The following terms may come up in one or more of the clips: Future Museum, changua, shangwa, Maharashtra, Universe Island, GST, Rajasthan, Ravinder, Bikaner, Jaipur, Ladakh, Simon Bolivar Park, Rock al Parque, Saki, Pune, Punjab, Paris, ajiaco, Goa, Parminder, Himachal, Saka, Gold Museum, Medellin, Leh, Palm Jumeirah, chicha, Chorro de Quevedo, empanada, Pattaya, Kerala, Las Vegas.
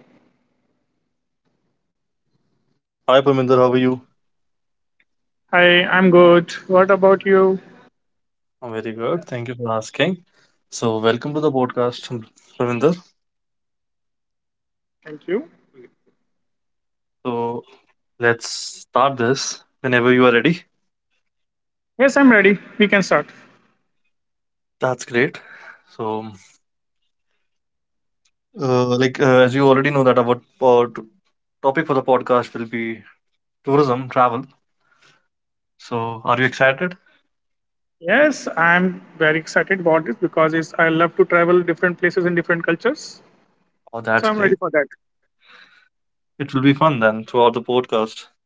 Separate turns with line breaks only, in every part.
Hello.
Hi, Parminder, how are you?
Hi, I'm good. What about you?
I'm very good. Thank you for asking. So, welcome to the podcast, Parminder.
Thank you.
So, let's start this whenever you are ready.
Yes, I'm ready. We can start.
That's great. So, as you already know that our topic for the podcast will be tourism, travel. So, are you excited?
Yes, I'm very excited about this because I love to travel different places and different cultures.
Oh,
So
that's
I'm ready
great.
for that.
It will be fun then throughout the podcast.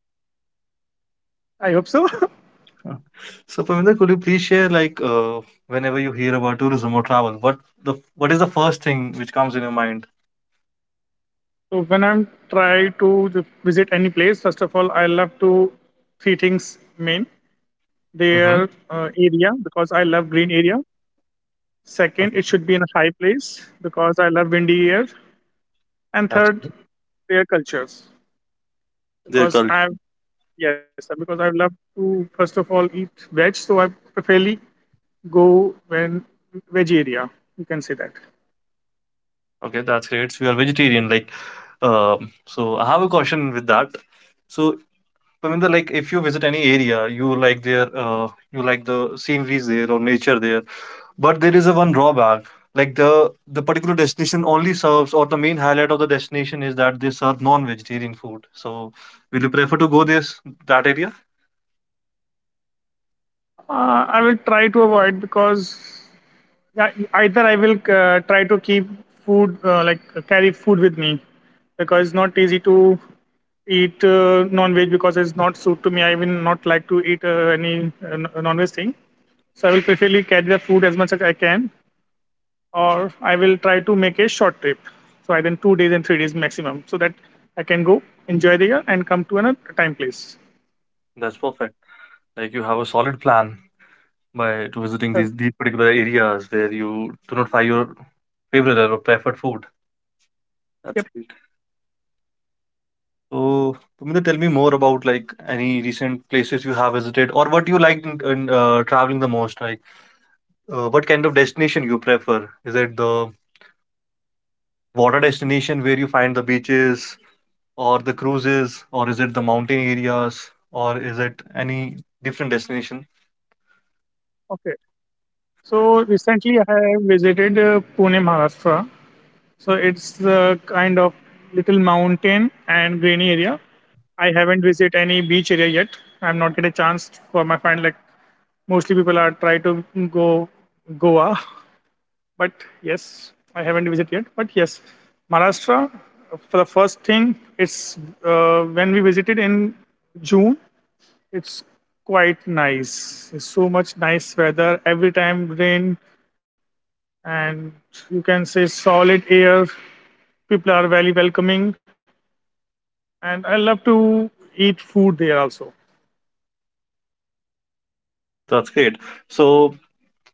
I hope so.
Uh, So, Parminder, could you please share whenever you hear about tourism or travel, what is the first thing which comes in your mind?
So when I'm try to visit any place, first of all, I love to three things main. Their
Mm-hmm.
area because I love green area. Second, it
Okay,
should be in a high place because I love windy air. And
that's
third, their cultures
Their
because
cult.
I've Yes, sir, because I love to first of all eat veg, so I preferably go when veg area. You can say that.
Okay, that's great. So you are vegetarian, like. So I have a question with that. So Pavinda, like, if you visit any area, you like their, you like the sceneries there or nature there. But there is a one drawback. Like the particular destination only serves, or the main highlight of the destination is that they serve non-vegetarian food. So will you prefer to go this that area?
I will try to avoid because yeah, either I will try to keep food like carry food with me because it's not easy to eat non-veg because it's not suit to me. I will not like to eat any non-veg thing. So I will preferably carry the food as much as I can, or I will try to make a short trip. So I then 2 days and 3 days maximum, so that I can go enjoy the year and come to another time place.
That's perfect. Like you have a solid plan by to visiting
Uh,
these particular areas where you do not find your favorite or preferred food. That's
Yep.
great. So, Puminder, tell me more about like any recent places you have visited or what you liked in traveling the most. Like, what kind of destination you prefer? Is it the water destination where you find the beaches or the cruises, or is it the mountain areas, or is it any different destination?
Okay. So recently I have visited Pune, Maharashtra. So it's a kind of little mountain and grainy area. I haven't visited any beach area yet. I'm not get a chance for my friend. Like mostly people are try to go Goa. But yes, I haven't visited yet. But yes, Maharashtra, for the first thing, it's when we visited in June, it's quite nice. It's so much nice weather. Every time rain, and you can say solid air. People are very welcoming, and I love to eat food there also.
Wow, that's great. So,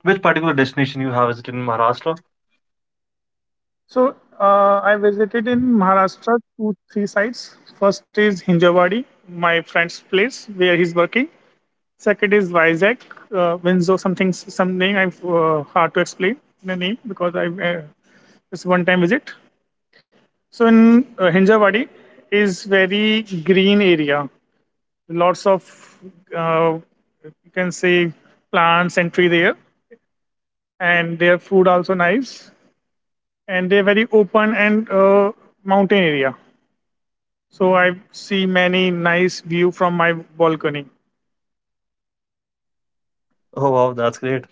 which particular destination you have visited in Maharashtra?
So I visited in Maharashtra two three sites. First is Hinjawadi, my friend's place where he's working. Second is Vizag, Winzo, something, some name I'm hard to explain the name because I it's one time visit. So in Hinjawadi is very green area, lots of uh, you can say plants and tree there, and their food also nice, and they're very open and mountain area. So I see many nice view from my balcony.
Oh, wow, that's great.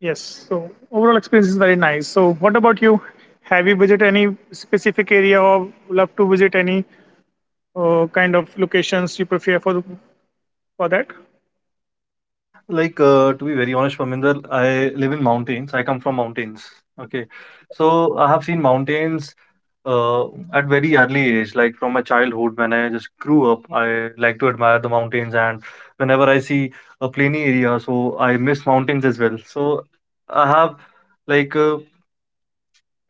Yes. So overall experience is very nice. So what about you? Have you visited any specific area or love to visit any kind of locations you prefer for that?
Like, to be very honest, Parminder, I live in mountains. I come from mountains. Okay. So I have seen mountains uh, at very early age, like from my childhood when I just grew up. I like to admire the mountains, and whenever I see a plainy area, so I miss mountains as well. So I have like uh,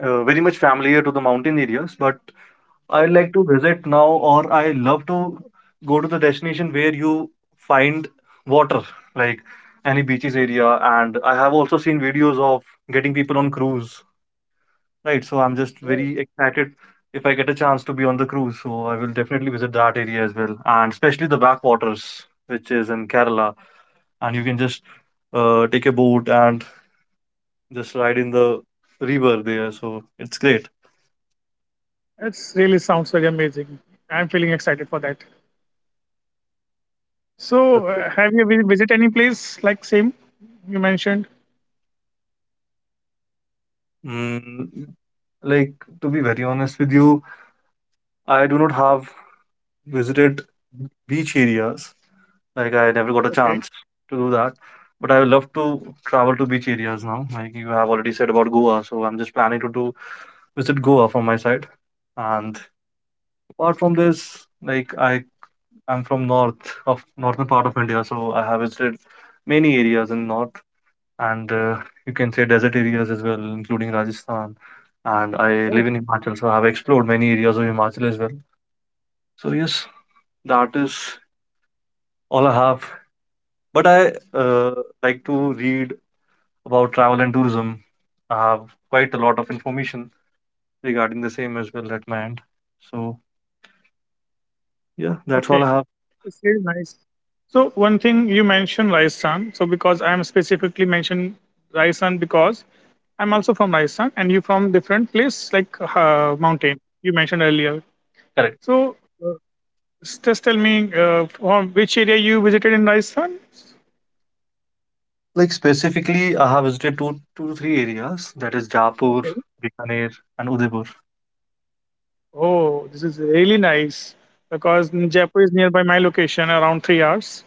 very much familiar to the mountain areas, but I like to visit now, or I love to go to the destination where you find water, like any beaches area. And I have also seen videos of getting people on cruise, right? So I'm just very excited if I get a chance to be on the cruise. So I will definitely visit that area as well, and especially the backwaters, which is in Kerala. And you can just take a boat and just ride in the river there. So it's great.
It's really sounds very amazing. I'm feeling excited for that.
That's
So
it.
have you visited any place like same you mentioned?
Mm, like to be very honest with you I do not have visited beach areas. Like I
Okay.
never got a chance to do that. But I would love to travel to beach areas now. Like you have already said about Goa, so I'm just planning to do visit Goa from my side. And apart from this, like I'm from north of northern part of India, so I have visited many areas in north and you can say desert areas as well, including Rajasthan. And I live in Himachal, so I have explored many areas of Himachal as well. So yes, that is All I have, but I like to read about travel and tourism. I have quite a lot of information regarding the same as well at my end. So yeah, that's all I
Okay,
have.
it's very nice. So one thing you mentioned Rajasthan. So because I'm specifically mentioned Rajasthan because I'm also from Rajasthan and you from different place like mountain you mentioned earlier.
Correct.
So uh, just tell me from which area you visited in Rajasthan?
Like specifically, I have visited two to three areas. That is Jaipur,
Okay.
Bikaner, and Udaipur.
Oh, this is really nice because Jaipur is nearby my location, around 3 hours.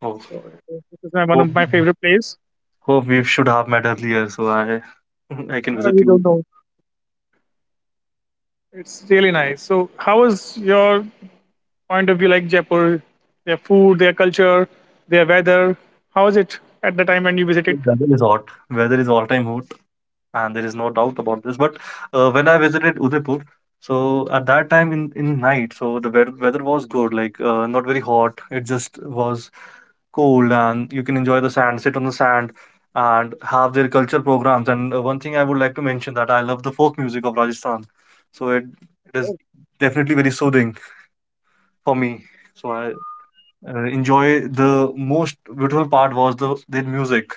Oh,
So this is my, one
hope,
of my favorite place.
hope we should have met earlier, so I I can visit
You don't
you.
know. It's really nice. So how was your point of view like Jaipur, their food, their culture, their weather? How was it at the time when you visited?
Weather is hot. Weather is all time hot. And there is no doubt about this. But when I visited Udaipur, so at that time in night, so the weather was good, like not very hot. It just was cold, and you can enjoy the sand, sit on the sand, and have their culture programs. And one thing I would like to mention that I love the folk music of Rajasthan, so it is definitely very soothing for me. So I enjoy the most beautiful part was the their music.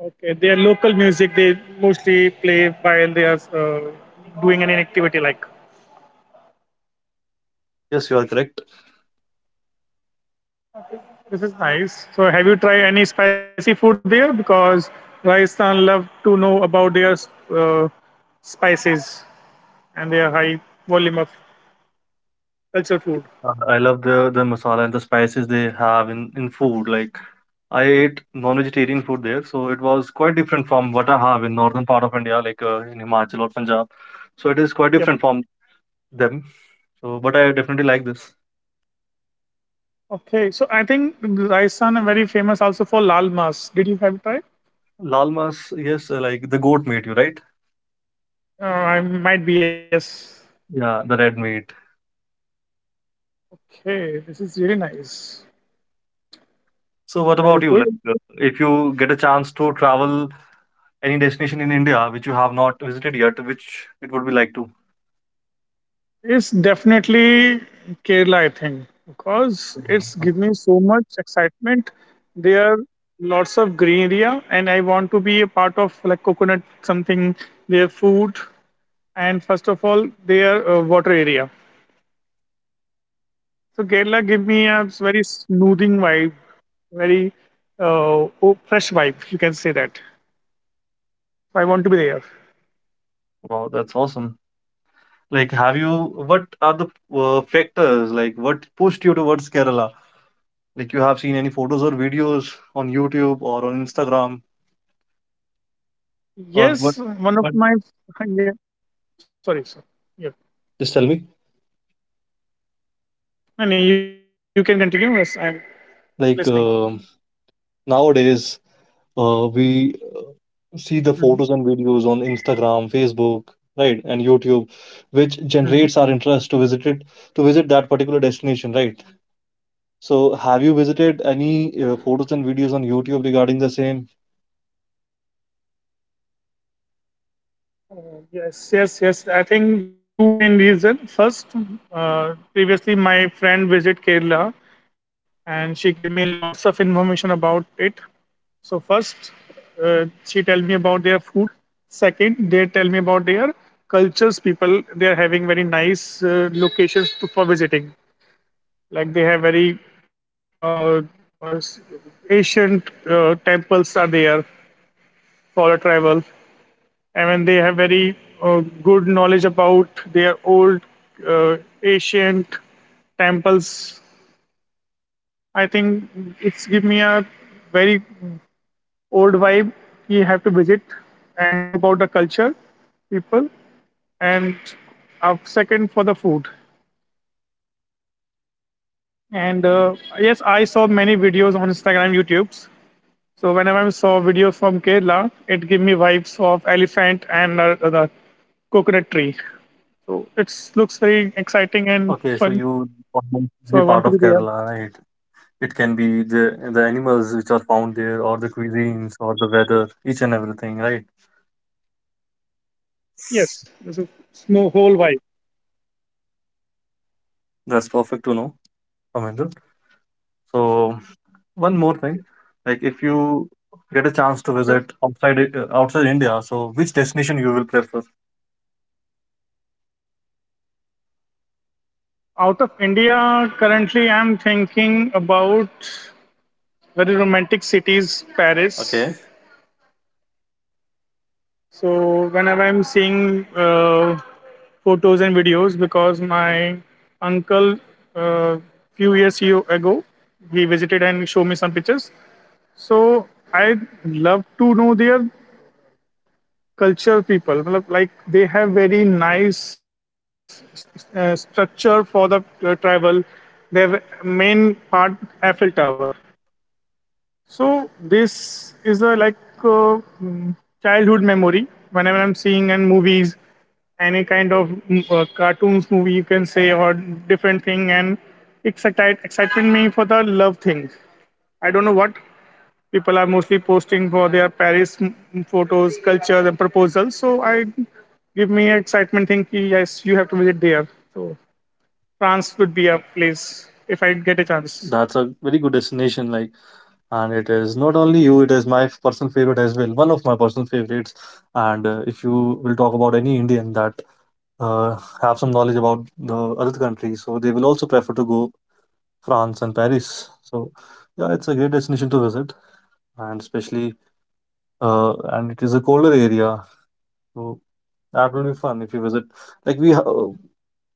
Okay, their local music they mostly play while they are doing any activity like.
Yes, you are correct.
This is nice. So, have you tried any spicy food there? Because Rajasthan love to know about their uh, spices and their high volume of cultural food.
I love the masala and the spices they have in food. Like I ate non-vegetarian food there, so it was quite different from what I have in northern part of India, like in Himachal or Punjab. So it is quite
Yep.
different from them. So, but I definitely like this.
Okay. So I think Rajasthan are very famous also for lal mas. Did you have it tried?
Lal mas, yes, like the goat meat, you right?
I might be yes.
Yeah, the red meat.
Okay, this is really nice.
So what
Very
about you?
good.
Like, if you get a chance to travel any destination in India which you have not visited yet, which it would be like to?
It's definitely Kerala, I think, because it's
Mhm.
given me so much excitement. There are lots of green area, and I want to be a part of like coconut something, their food, and first of all, their water area. So Kerala give me a very smoothing vibe, very oh, fresh vibe. You can say that. So, I want to be there.
Wow, that's awesome. Like, have you, what are the factors, like, what pushed you towards Kerala? Like, you have seen any photos or videos on YouTube or on Instagram, or what?
Yes, one of
What?
my yeah, sorry, sir. Yeah.
Just tell me.
No, no, you can continue. Yes, I'm listening.
Like, nowadays, we
Mhm,
see the photos and videos on Instagram, Facebook, right, and YouTube, which
mhm.
generates our interest to visit it, to visit that particular destination, right? So, have you visited any photos and videos on YouTube regarding the same?
Yes, yes, yes. I think there are two main reasons. First, previously my friend visited Kerala, and she gave me lots of information about it. So first, she tell me about their food. Second, they tell me about their cultures. People they are having very nice locations to, for visiting. Like they have very uh, uh, s- ancient temples are there for a travel. I mean, they have very good knowledge about their old uh, ancient temples. I think it's give me a very old vibe. You have to visit and know about the culture, people, and second for the food. And yes, I saw many videos on Instagram, YouTube's. So whenever I saw videos from Kerala, it gave me vibes of elephant and the coconut tree. So it looks very exciting and
Okay, so
fun.
you almost
So I
be
want
part
to be
of
there.
Kerala, right? It can be the animals which are found there, or the cuisines, or the weather, each and everything, right?
Yes, this is small whole vibe.
That's perfect to know, Amanda. So one more thing, like if you get a chance to
So
visit outside India, so which destination you will prefer?
out of India, currently I'm thinking about very romantic cities, Paris.
Okay,
So whenever I'm seeing photos and videos, because my uncle uh, few years ago he visited and showed me some pictures. So I love to know there culture people मतलब like they have very nice structure for the travel, their main part Eiffel Tower, so this is a like uh, mm, childhood memory whenever I'm seeing in movies, any kind of cartoons movie you can say, or different thing, and excited excitement me for the love thing. I don't know what people are mostly posting for their Paris photos, cultures, and proposals. So I give me excitement think ki, yes, you have to visit there. So France would be a place if I get a chance.
that's a very good destination. Like, and it is not only you; it is my personal favorite as well. One of my personal favorites. And if you will talk about any Indian that uh, have some knowledge about the other country, so they will also prefer to go France and Paris. So yeah, it's a great destination to visit, and especially and it is a colder area, so that will be fun if you visit. Like we, ha-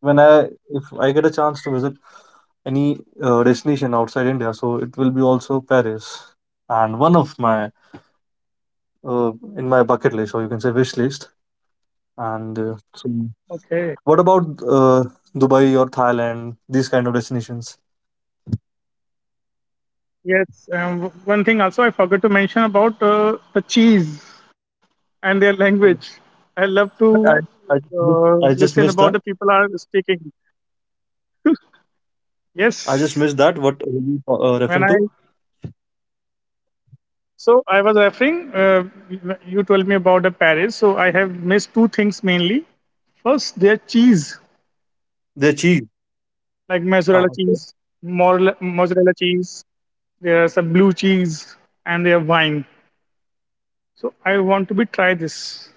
when I if I get a chance to visit any destination outside India, so it will be also Paris, and one of my in my bucket list, or you can say wish list. And so
Okay.
what about Dubai or Thailand? These kind of destinations.
Yes. One thing also I forgot to mention about the cheese and their
Uh,
language. I love
but I
to
I just missed
uh,
I just
listen
missed
about the people are speaking.
I just
Yes.
missed that. What were you
When
referring to?
I So I was referring, you told me about the Paris. So I have missed two things mainly. First, their cheese,
Their cheese.
like
Ah,
mozzarella
okay.
cheese, mozzarella cheese. There are some blue cheese and their wine. So I want to be try this.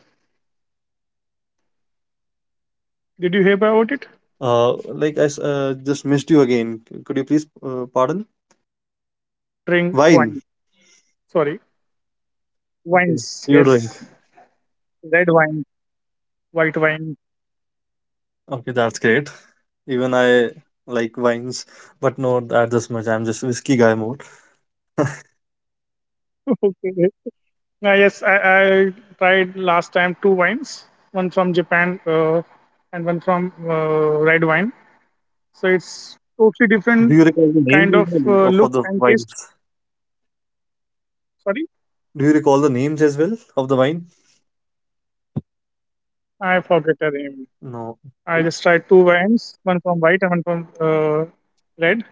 Did you hear about it?
Uh, like just missed you again. Could you please pardon?
People are love to drink
Wine.
wine. Sorry,
Okay.
wines.
So You drink.
Yes, red wine, white wine.
Okay, that's great. Even I like wines, but not that this much. I'm just whiskey guy more.
okay. Now, yes, I tried last time two wines, one from Japan and one from red wine. So it's totally
Do
different
you recall the names
kind
as
of
well of- for
look
the
and
wines?
taste. Sorry,
Do you recall the names as well of the wine?
I forget the name.
No.
I just tried two wines, one from white and one from red.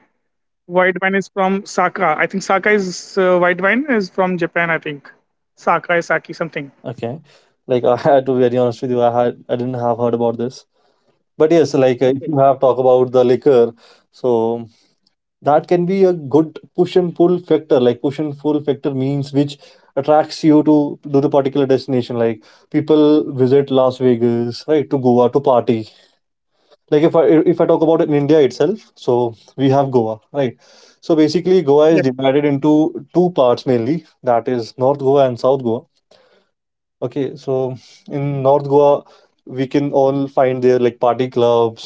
White wine is from Saka. I think Saka is white wine is from Japan. I think Saka is Saki something.
Okay. Like I had to be very honest with you. I didn't have heard about this. But yes, like if you
Okay.
have talk about the liquor, so that can be a good push and pull factor like push and pull factor means which attracts you to the particular destination like people visit Las Vegas, right, to Goa to party like if I talk about it in India itself so we have Goa, right, so basically Goa is
Yes,
divided into two parts mainly that is North Goa and South Goa. Okay, so in North Goa we can all find there like party clubs,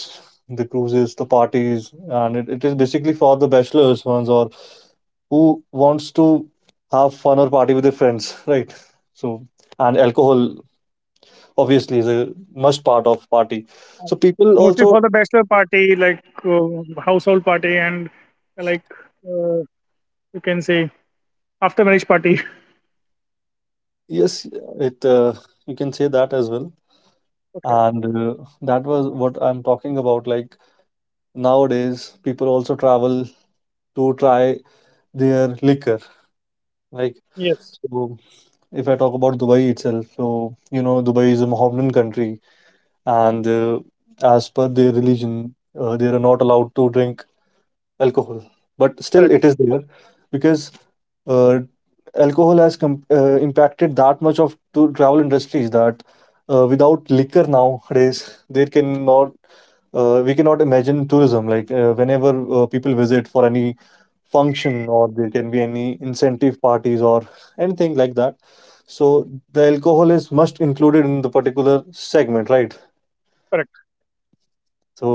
the cruises, the parties, and it is basically for the bachelors ones or who wants to have fun or party with their friends, right? So, and alcohol obviously is a must part of party. So people
mostly
also,
for the bachelor party, like household party and like. Uh, you can say after marriage party.
yes, it you can say that as well.
Okay.
And that was what I'm talking about. Like nowadays, people also travel to try their liquor. Like
Yes.
so, if I talk about Dubai itself, so you know Dubai is a Mohammedan country, and as per their religion, they are not allowed to drink alcohol but still it is
Correct.
there because uh, alcohol has impacted that much of to travel industries that without liquor nowadays there cannot we cannot imagine tourism like whenever people visit for any function or there can be any incentive parties or anything like that so the alcohol is must included in the particular segment, right?
Correct.
So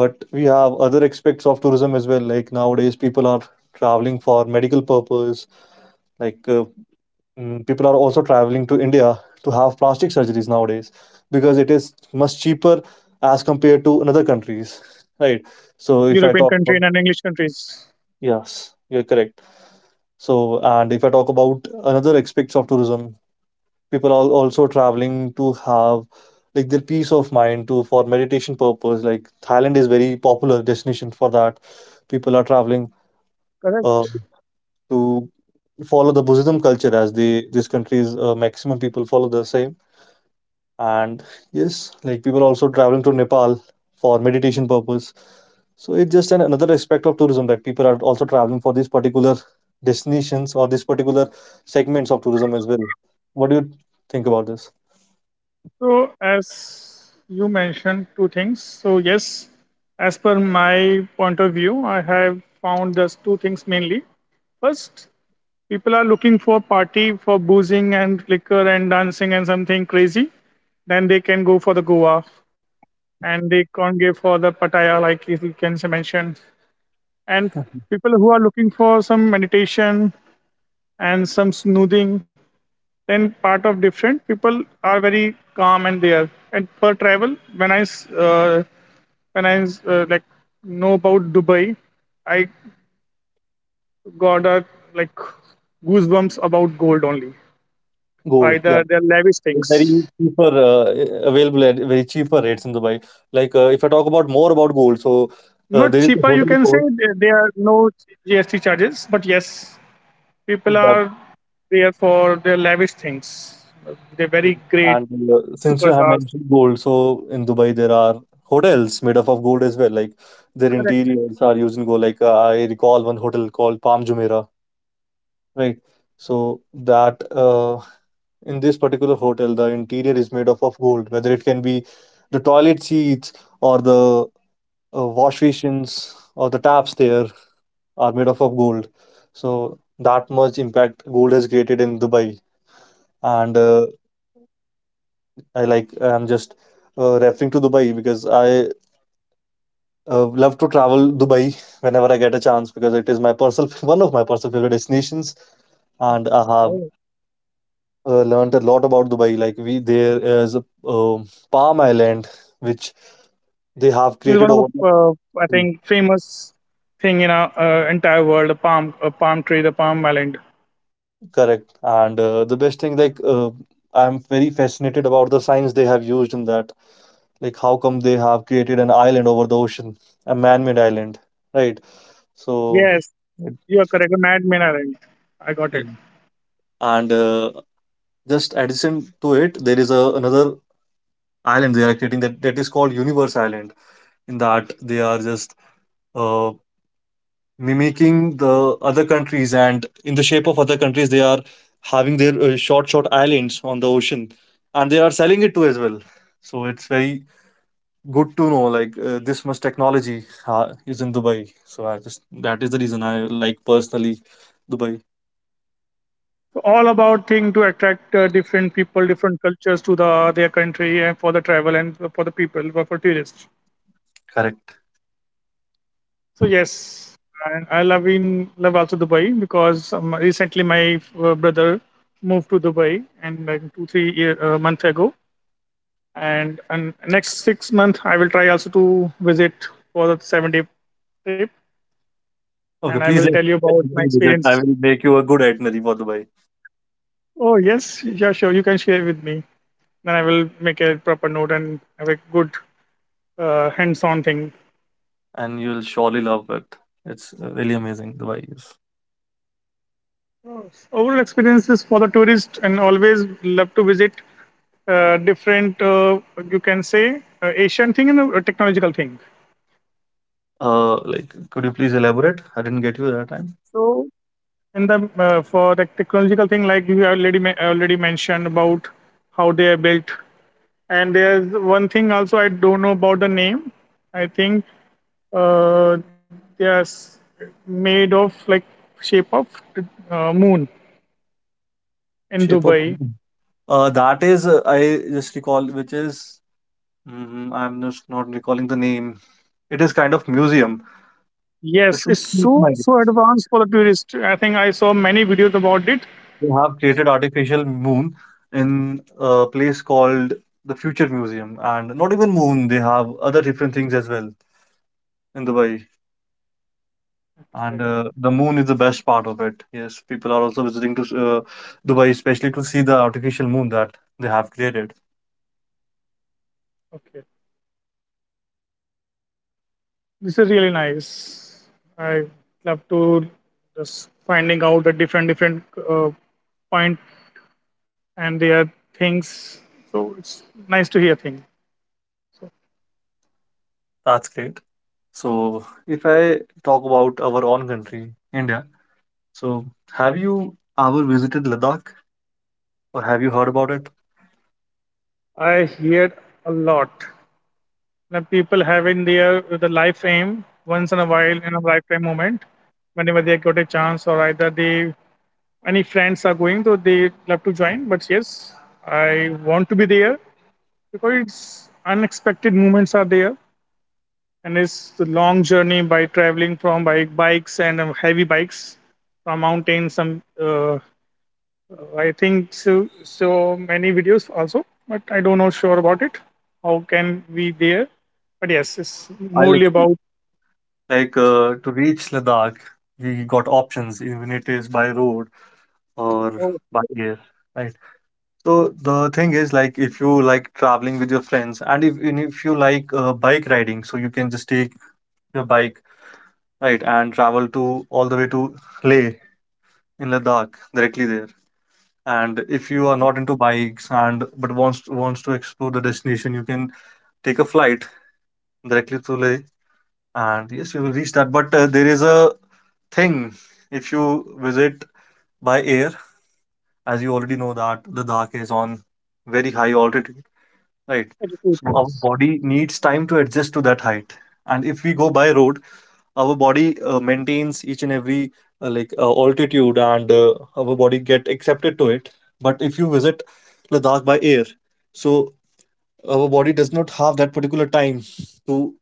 But we have other aspects of tourism as well. Like nowadays, people are traveling for medical purpose. Like people are also traveling to India to have plastic surgeries nowadays because it is much cheaper as compared to another countries, right? So if I
European
talk
country
about
and English countries.
yes, you're correct. So, and if I talk about another aspects of tourism, people are also traveling to have like their peace of mind to for meditation purpose. Like Thailand is very popular destination for that. People are traveling uh,
Correct.
to follow the Buddhism culture as they this country's maximum people follow the same. And yes, like people are also traveling to Nepal for meditation purpose. So it's just another aspect of tourism that people are also traveling for these particular destinations or these particular segments of tourism as well. What do you think about this?
So as you mentioned two things. So yes, as per my point of view, I have found those two things mainly. First, people are looking for party for boozing and liquor and dancing and something crazy. Then they can go for the Goa, and they can't go for the Pattaya like you can mention. And people who are looking for some meditation and some snoozing. Then part of different people are very calm and they are. And for travel, when like know about Dubai, I got a like goosebumps about gold only.
Gold, yeah.
Either they're lavish
Very
things.
cheaper, available at very cheaper rates in Dubai. Like, if I talk about more about gold, so
Not
there is
cheaper,
a
you
hotel
can say.
called
There are no GST charges, but yes, people
that,
are there for their lavish things. They're very great
and since you have
supercars.
mentioned gold, so in Dubai there are hotels made up of gold as well. Like their
Correct.
interiors are used in gold. Like I recall one hotel called Palm Jumeirah, right? So that in this particular hotel, the interior is made up of gold. Whether it can be the toilet seats or the wash basins or the taps there are made up of gold. So that much impact gold has created in Dubai. And I'm just referring to Dubai because I love to travel Dubai whenever I get a chance, because it is my personal one of my personal favorite destinations, and I have
Okay.
learned a lot about Dubai. Like we there is a Palm Island which they have
It's one
created
of
over
the I
there.
think famous thing in our entire world. A palm tree, the palm island.
Correct. And the best thing, like, I'm very fascinated about the science they have used in that, like how come they have created an island over the ocean, a man-made island, right? So
Yes,
it-
you are correct. The Madman Island. I got it.
it- and just adjacent to it there is a, another island they are creating. That that is called Universe Island. In that they are just uh, mimicking the other countries, and in the shape of other countries they are having their short islands on the ocean, and they are selling it too as well. So it's very good to know, like, this much technology is in Dubai. So I just that is the reason I like personally Dubai.
So all about thing to attract different people, different cultures to the their country and for the travel and for the people, for tourists.
Correct.
So yes, and I love in love also Dubai because recently my brother moved to Dubai and like 2 3 months, month ago, and next 6 month I will try also to visit for the 7 day trip, and
Okay,
I
please
will tell you
let
about my
me visit.
experience.
I will make you a good itinerary for Dubai.
Oh yes, yeah, sure, you can share with me, then I will make a proper note and have a good hands-on thing.
And you'll surely love it. It's really amazing Dubai is.
Overall experience is for the tourist and always love to visit different you can say Asian thing and a technological thing.
Like, could you please elaborate? I didn't get you that time.
So in the for the technological thing like you have already already mentioned about how they have built. And there's one thing also I don't know about the name. I think uh, they are made of like shape of moon in
Shape of
Dubai.
moon. That is I just recall which is I'm just not recalling the name. It is kind of museum. The
Yes,
shoot,
it's so advanced for the tourist. I think I saw many videos about it.
they have created artificial moon in a place called the Future Museum, and not even moon, they have other different things as well in Dubai. And
Okay,
the moon is the best part of it. Yes, people are also visiting to Dubai, especially to see the artificial moon that they have created.
okay. This is really nice. I love to just finding out the different different uh, point and their things. So it's nice to hear things. So
That's great. So, if I talk about our own country, India, so have you ever visited Ladakh or have you heard about it?
I heard a lot. Now people have in their the life aim once in a while in a lifetime moment. Whenever they got a chance or either they any friends are going, so they love to join. But yes, I want to be there because it's unexpected moments are there, and it's the long journey by traveling from by bikes and heavy bikes from mountains. Some I think so many videos also, but I don't know sure about it. How can we there? But yes, it's
I
morely about.
like to reach Ladakh, we got options, even it is by road or
Oh,
by air, right? So the thing is, like, if you like traveling with your friends, and if you like bike riding, so you can just take your bike, right, and travel to all the way to Leh in Ladakh directly there. And if you are not into bikes and but wants to explore the destination, you can take a flight directly to Leh, and yes, you will reach that. But there is a thing, if you visit by air, as you already know that the Ladakh is on very high altitude, right? So our
educators.
body needs time to adjust to that height. And if we go by road, our body maintains each and every altitude, and our body get accepted to it. But if you visit Ladakh by air, so our body does not have that particular time to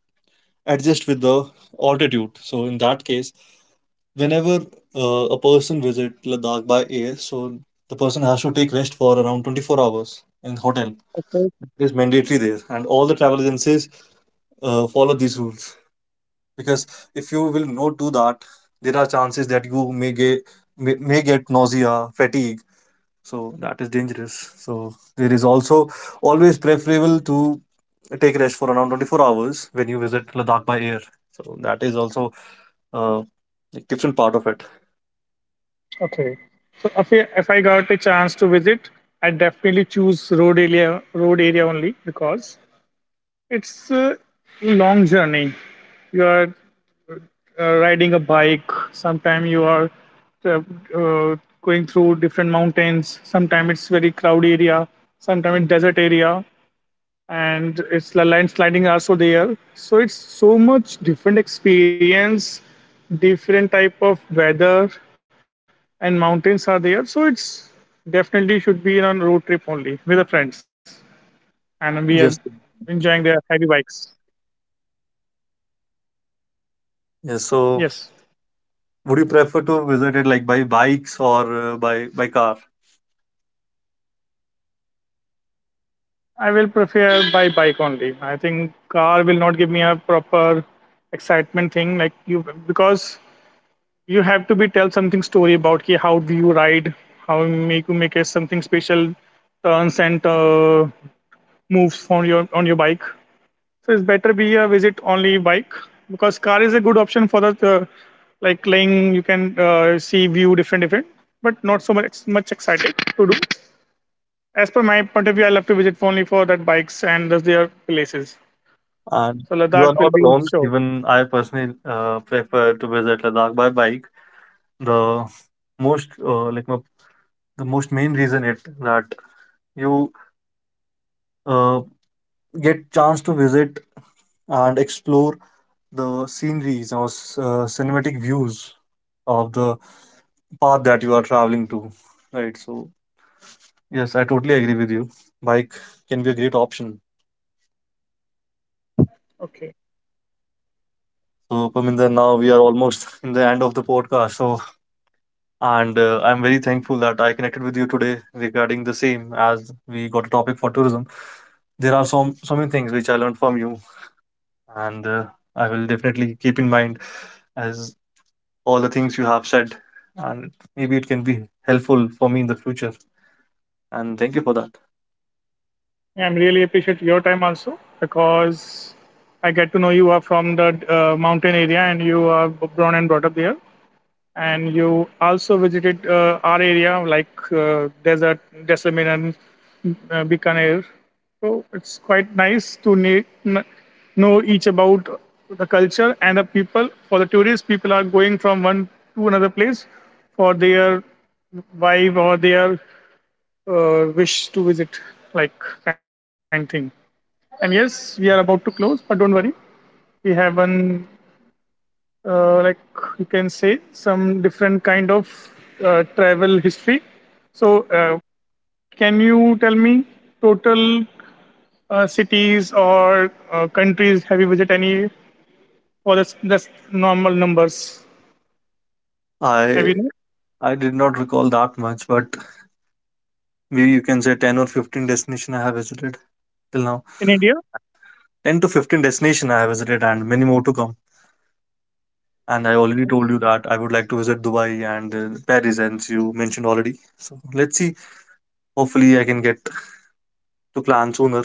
adjust with the altitude. So in that case, whenever a person visit Ladakh by air, so the person has to take rest for around 24 hours in hotel.
Okay.
It is mandatory there, and all the travel agencies follow these rules, because if you will not do that, there are chances that you may get may get nausea, fatigue. So that is dangerous. So there is also always preferable to take rest for around 24 hours when you visit Ladakh by air. So that is also uh, a different part of it.
Okay. So if I got a chance to visit, I definitely choose road area only because it's a long journey. You are riding a bike. Sometimes you are uh, uh, going through different mountains. Sometimes it's very crowded area. Sometimes it's desert area, and it's the landsliding also there. So it's so much different experience, different type of weather, and mountains are there. So it's definitely should be on road trip only with the friends, and we are
Yes,
enjoying their heavy bikes.
yes. So
Yes,
would you prefer to visit it like by bikes or by car?
I will prefer by bike only. I think car will not give me a proper excitement thing like you because you have to be tell something story about ki how do you ride, how you make a something special turns and moves on your bike. So it's better be a visit only bike because car is a good option for the uh, like laying. You can see view different different, but not so much excited to do. As per my point of view, I love to visit only for that bikes and those their places.
And
So
you are
Ladakh
not
will be
alone.
sure.
Even I personally prefer to visit Ladakh by bike. The most the most main reason it that you uh, get chance to visit and explore the sceneries or cinematic views of the path that you are traveling to. Right. So yes, I totally agree with you. Bike can be a great option.
Okay,
So, Parminder, now we are almost in the end of the podcast. So, and I'm very thankful that I connected with you today regarding the same, as we got a topic for tourism. There are some so many things which I learned from you, and I will definitely keep in mind as all the things you have said, and maybe it can be helpful for me in the future. And thank you for that.
yeah, I'm really appreciate your time also because I get to know you are from the mountain area and you are born and brought up there. And you also visited our area like desert, Jaisalmer and Bikaner. So it's quite nice to know each about the culture and the people. For the tourists, people are going from one to another place for their vibe or their wish to visit, like kind thing. And yes, we are about to close, but don't worry, we have one like you can say some different kind of travel history, so can you tell me total cities or countries have you visited any, or that's normal numbers have
I
you know
I did not recall that much, but maybe you can say 10 or 15 destination I have visited till now.
in India?
10 to 15 destination I have visited, and many more to come. And I already told you that I would like to visit Dubai and Paris, as you mentioned already. So let's see. Hopefully, I can get to plan sooner.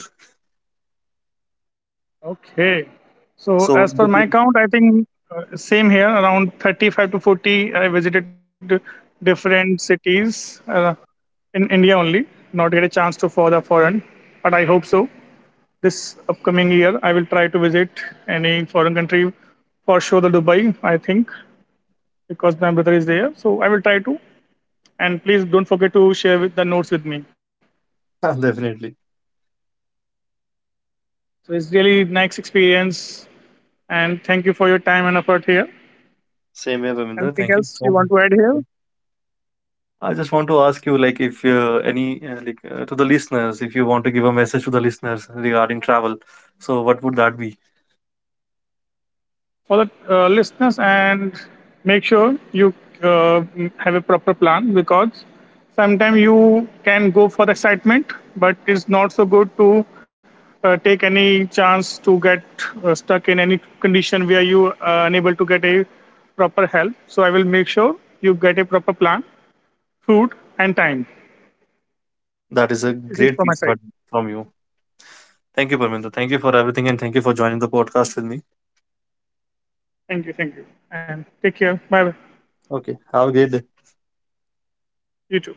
Okay, so as per
So
my count
definitely.
I think same here, around 35 to 40 I visited different cities in India only, not get a chance to for the foreign, but I hope so this upcoming year, I will try to visit any foreign country for sure, the Dubai, I think, because my brother is there. So I will try to. And please don't forget to share with the notes with me.
Definitely.
So it's really nice experience. And thank you for your time and effort here.
Same here, Ravinder. Thank
Anything
you
else
so
you want to add
much.
here?
I just want to ask you, like, if to the listeners, if you want to give a message to the listeners regarding travel, so what would that be?
For the listeners, and make sure you uh, have a proper plan, because sometimes you can go for excitement, but it's not so good to take any chance to get stuck in any condition where you are unable to get a proper help. So I will make sure you get a proper plan, food, and time.
That is a
It is
great
from
piece
my
of
side.
advice from you. Thank you, Parminder. Thank you for everything, and thank you for joining the podcast with me.
Thank you, thank you. And take care, bye bye.
Okay, have a great day.
You too.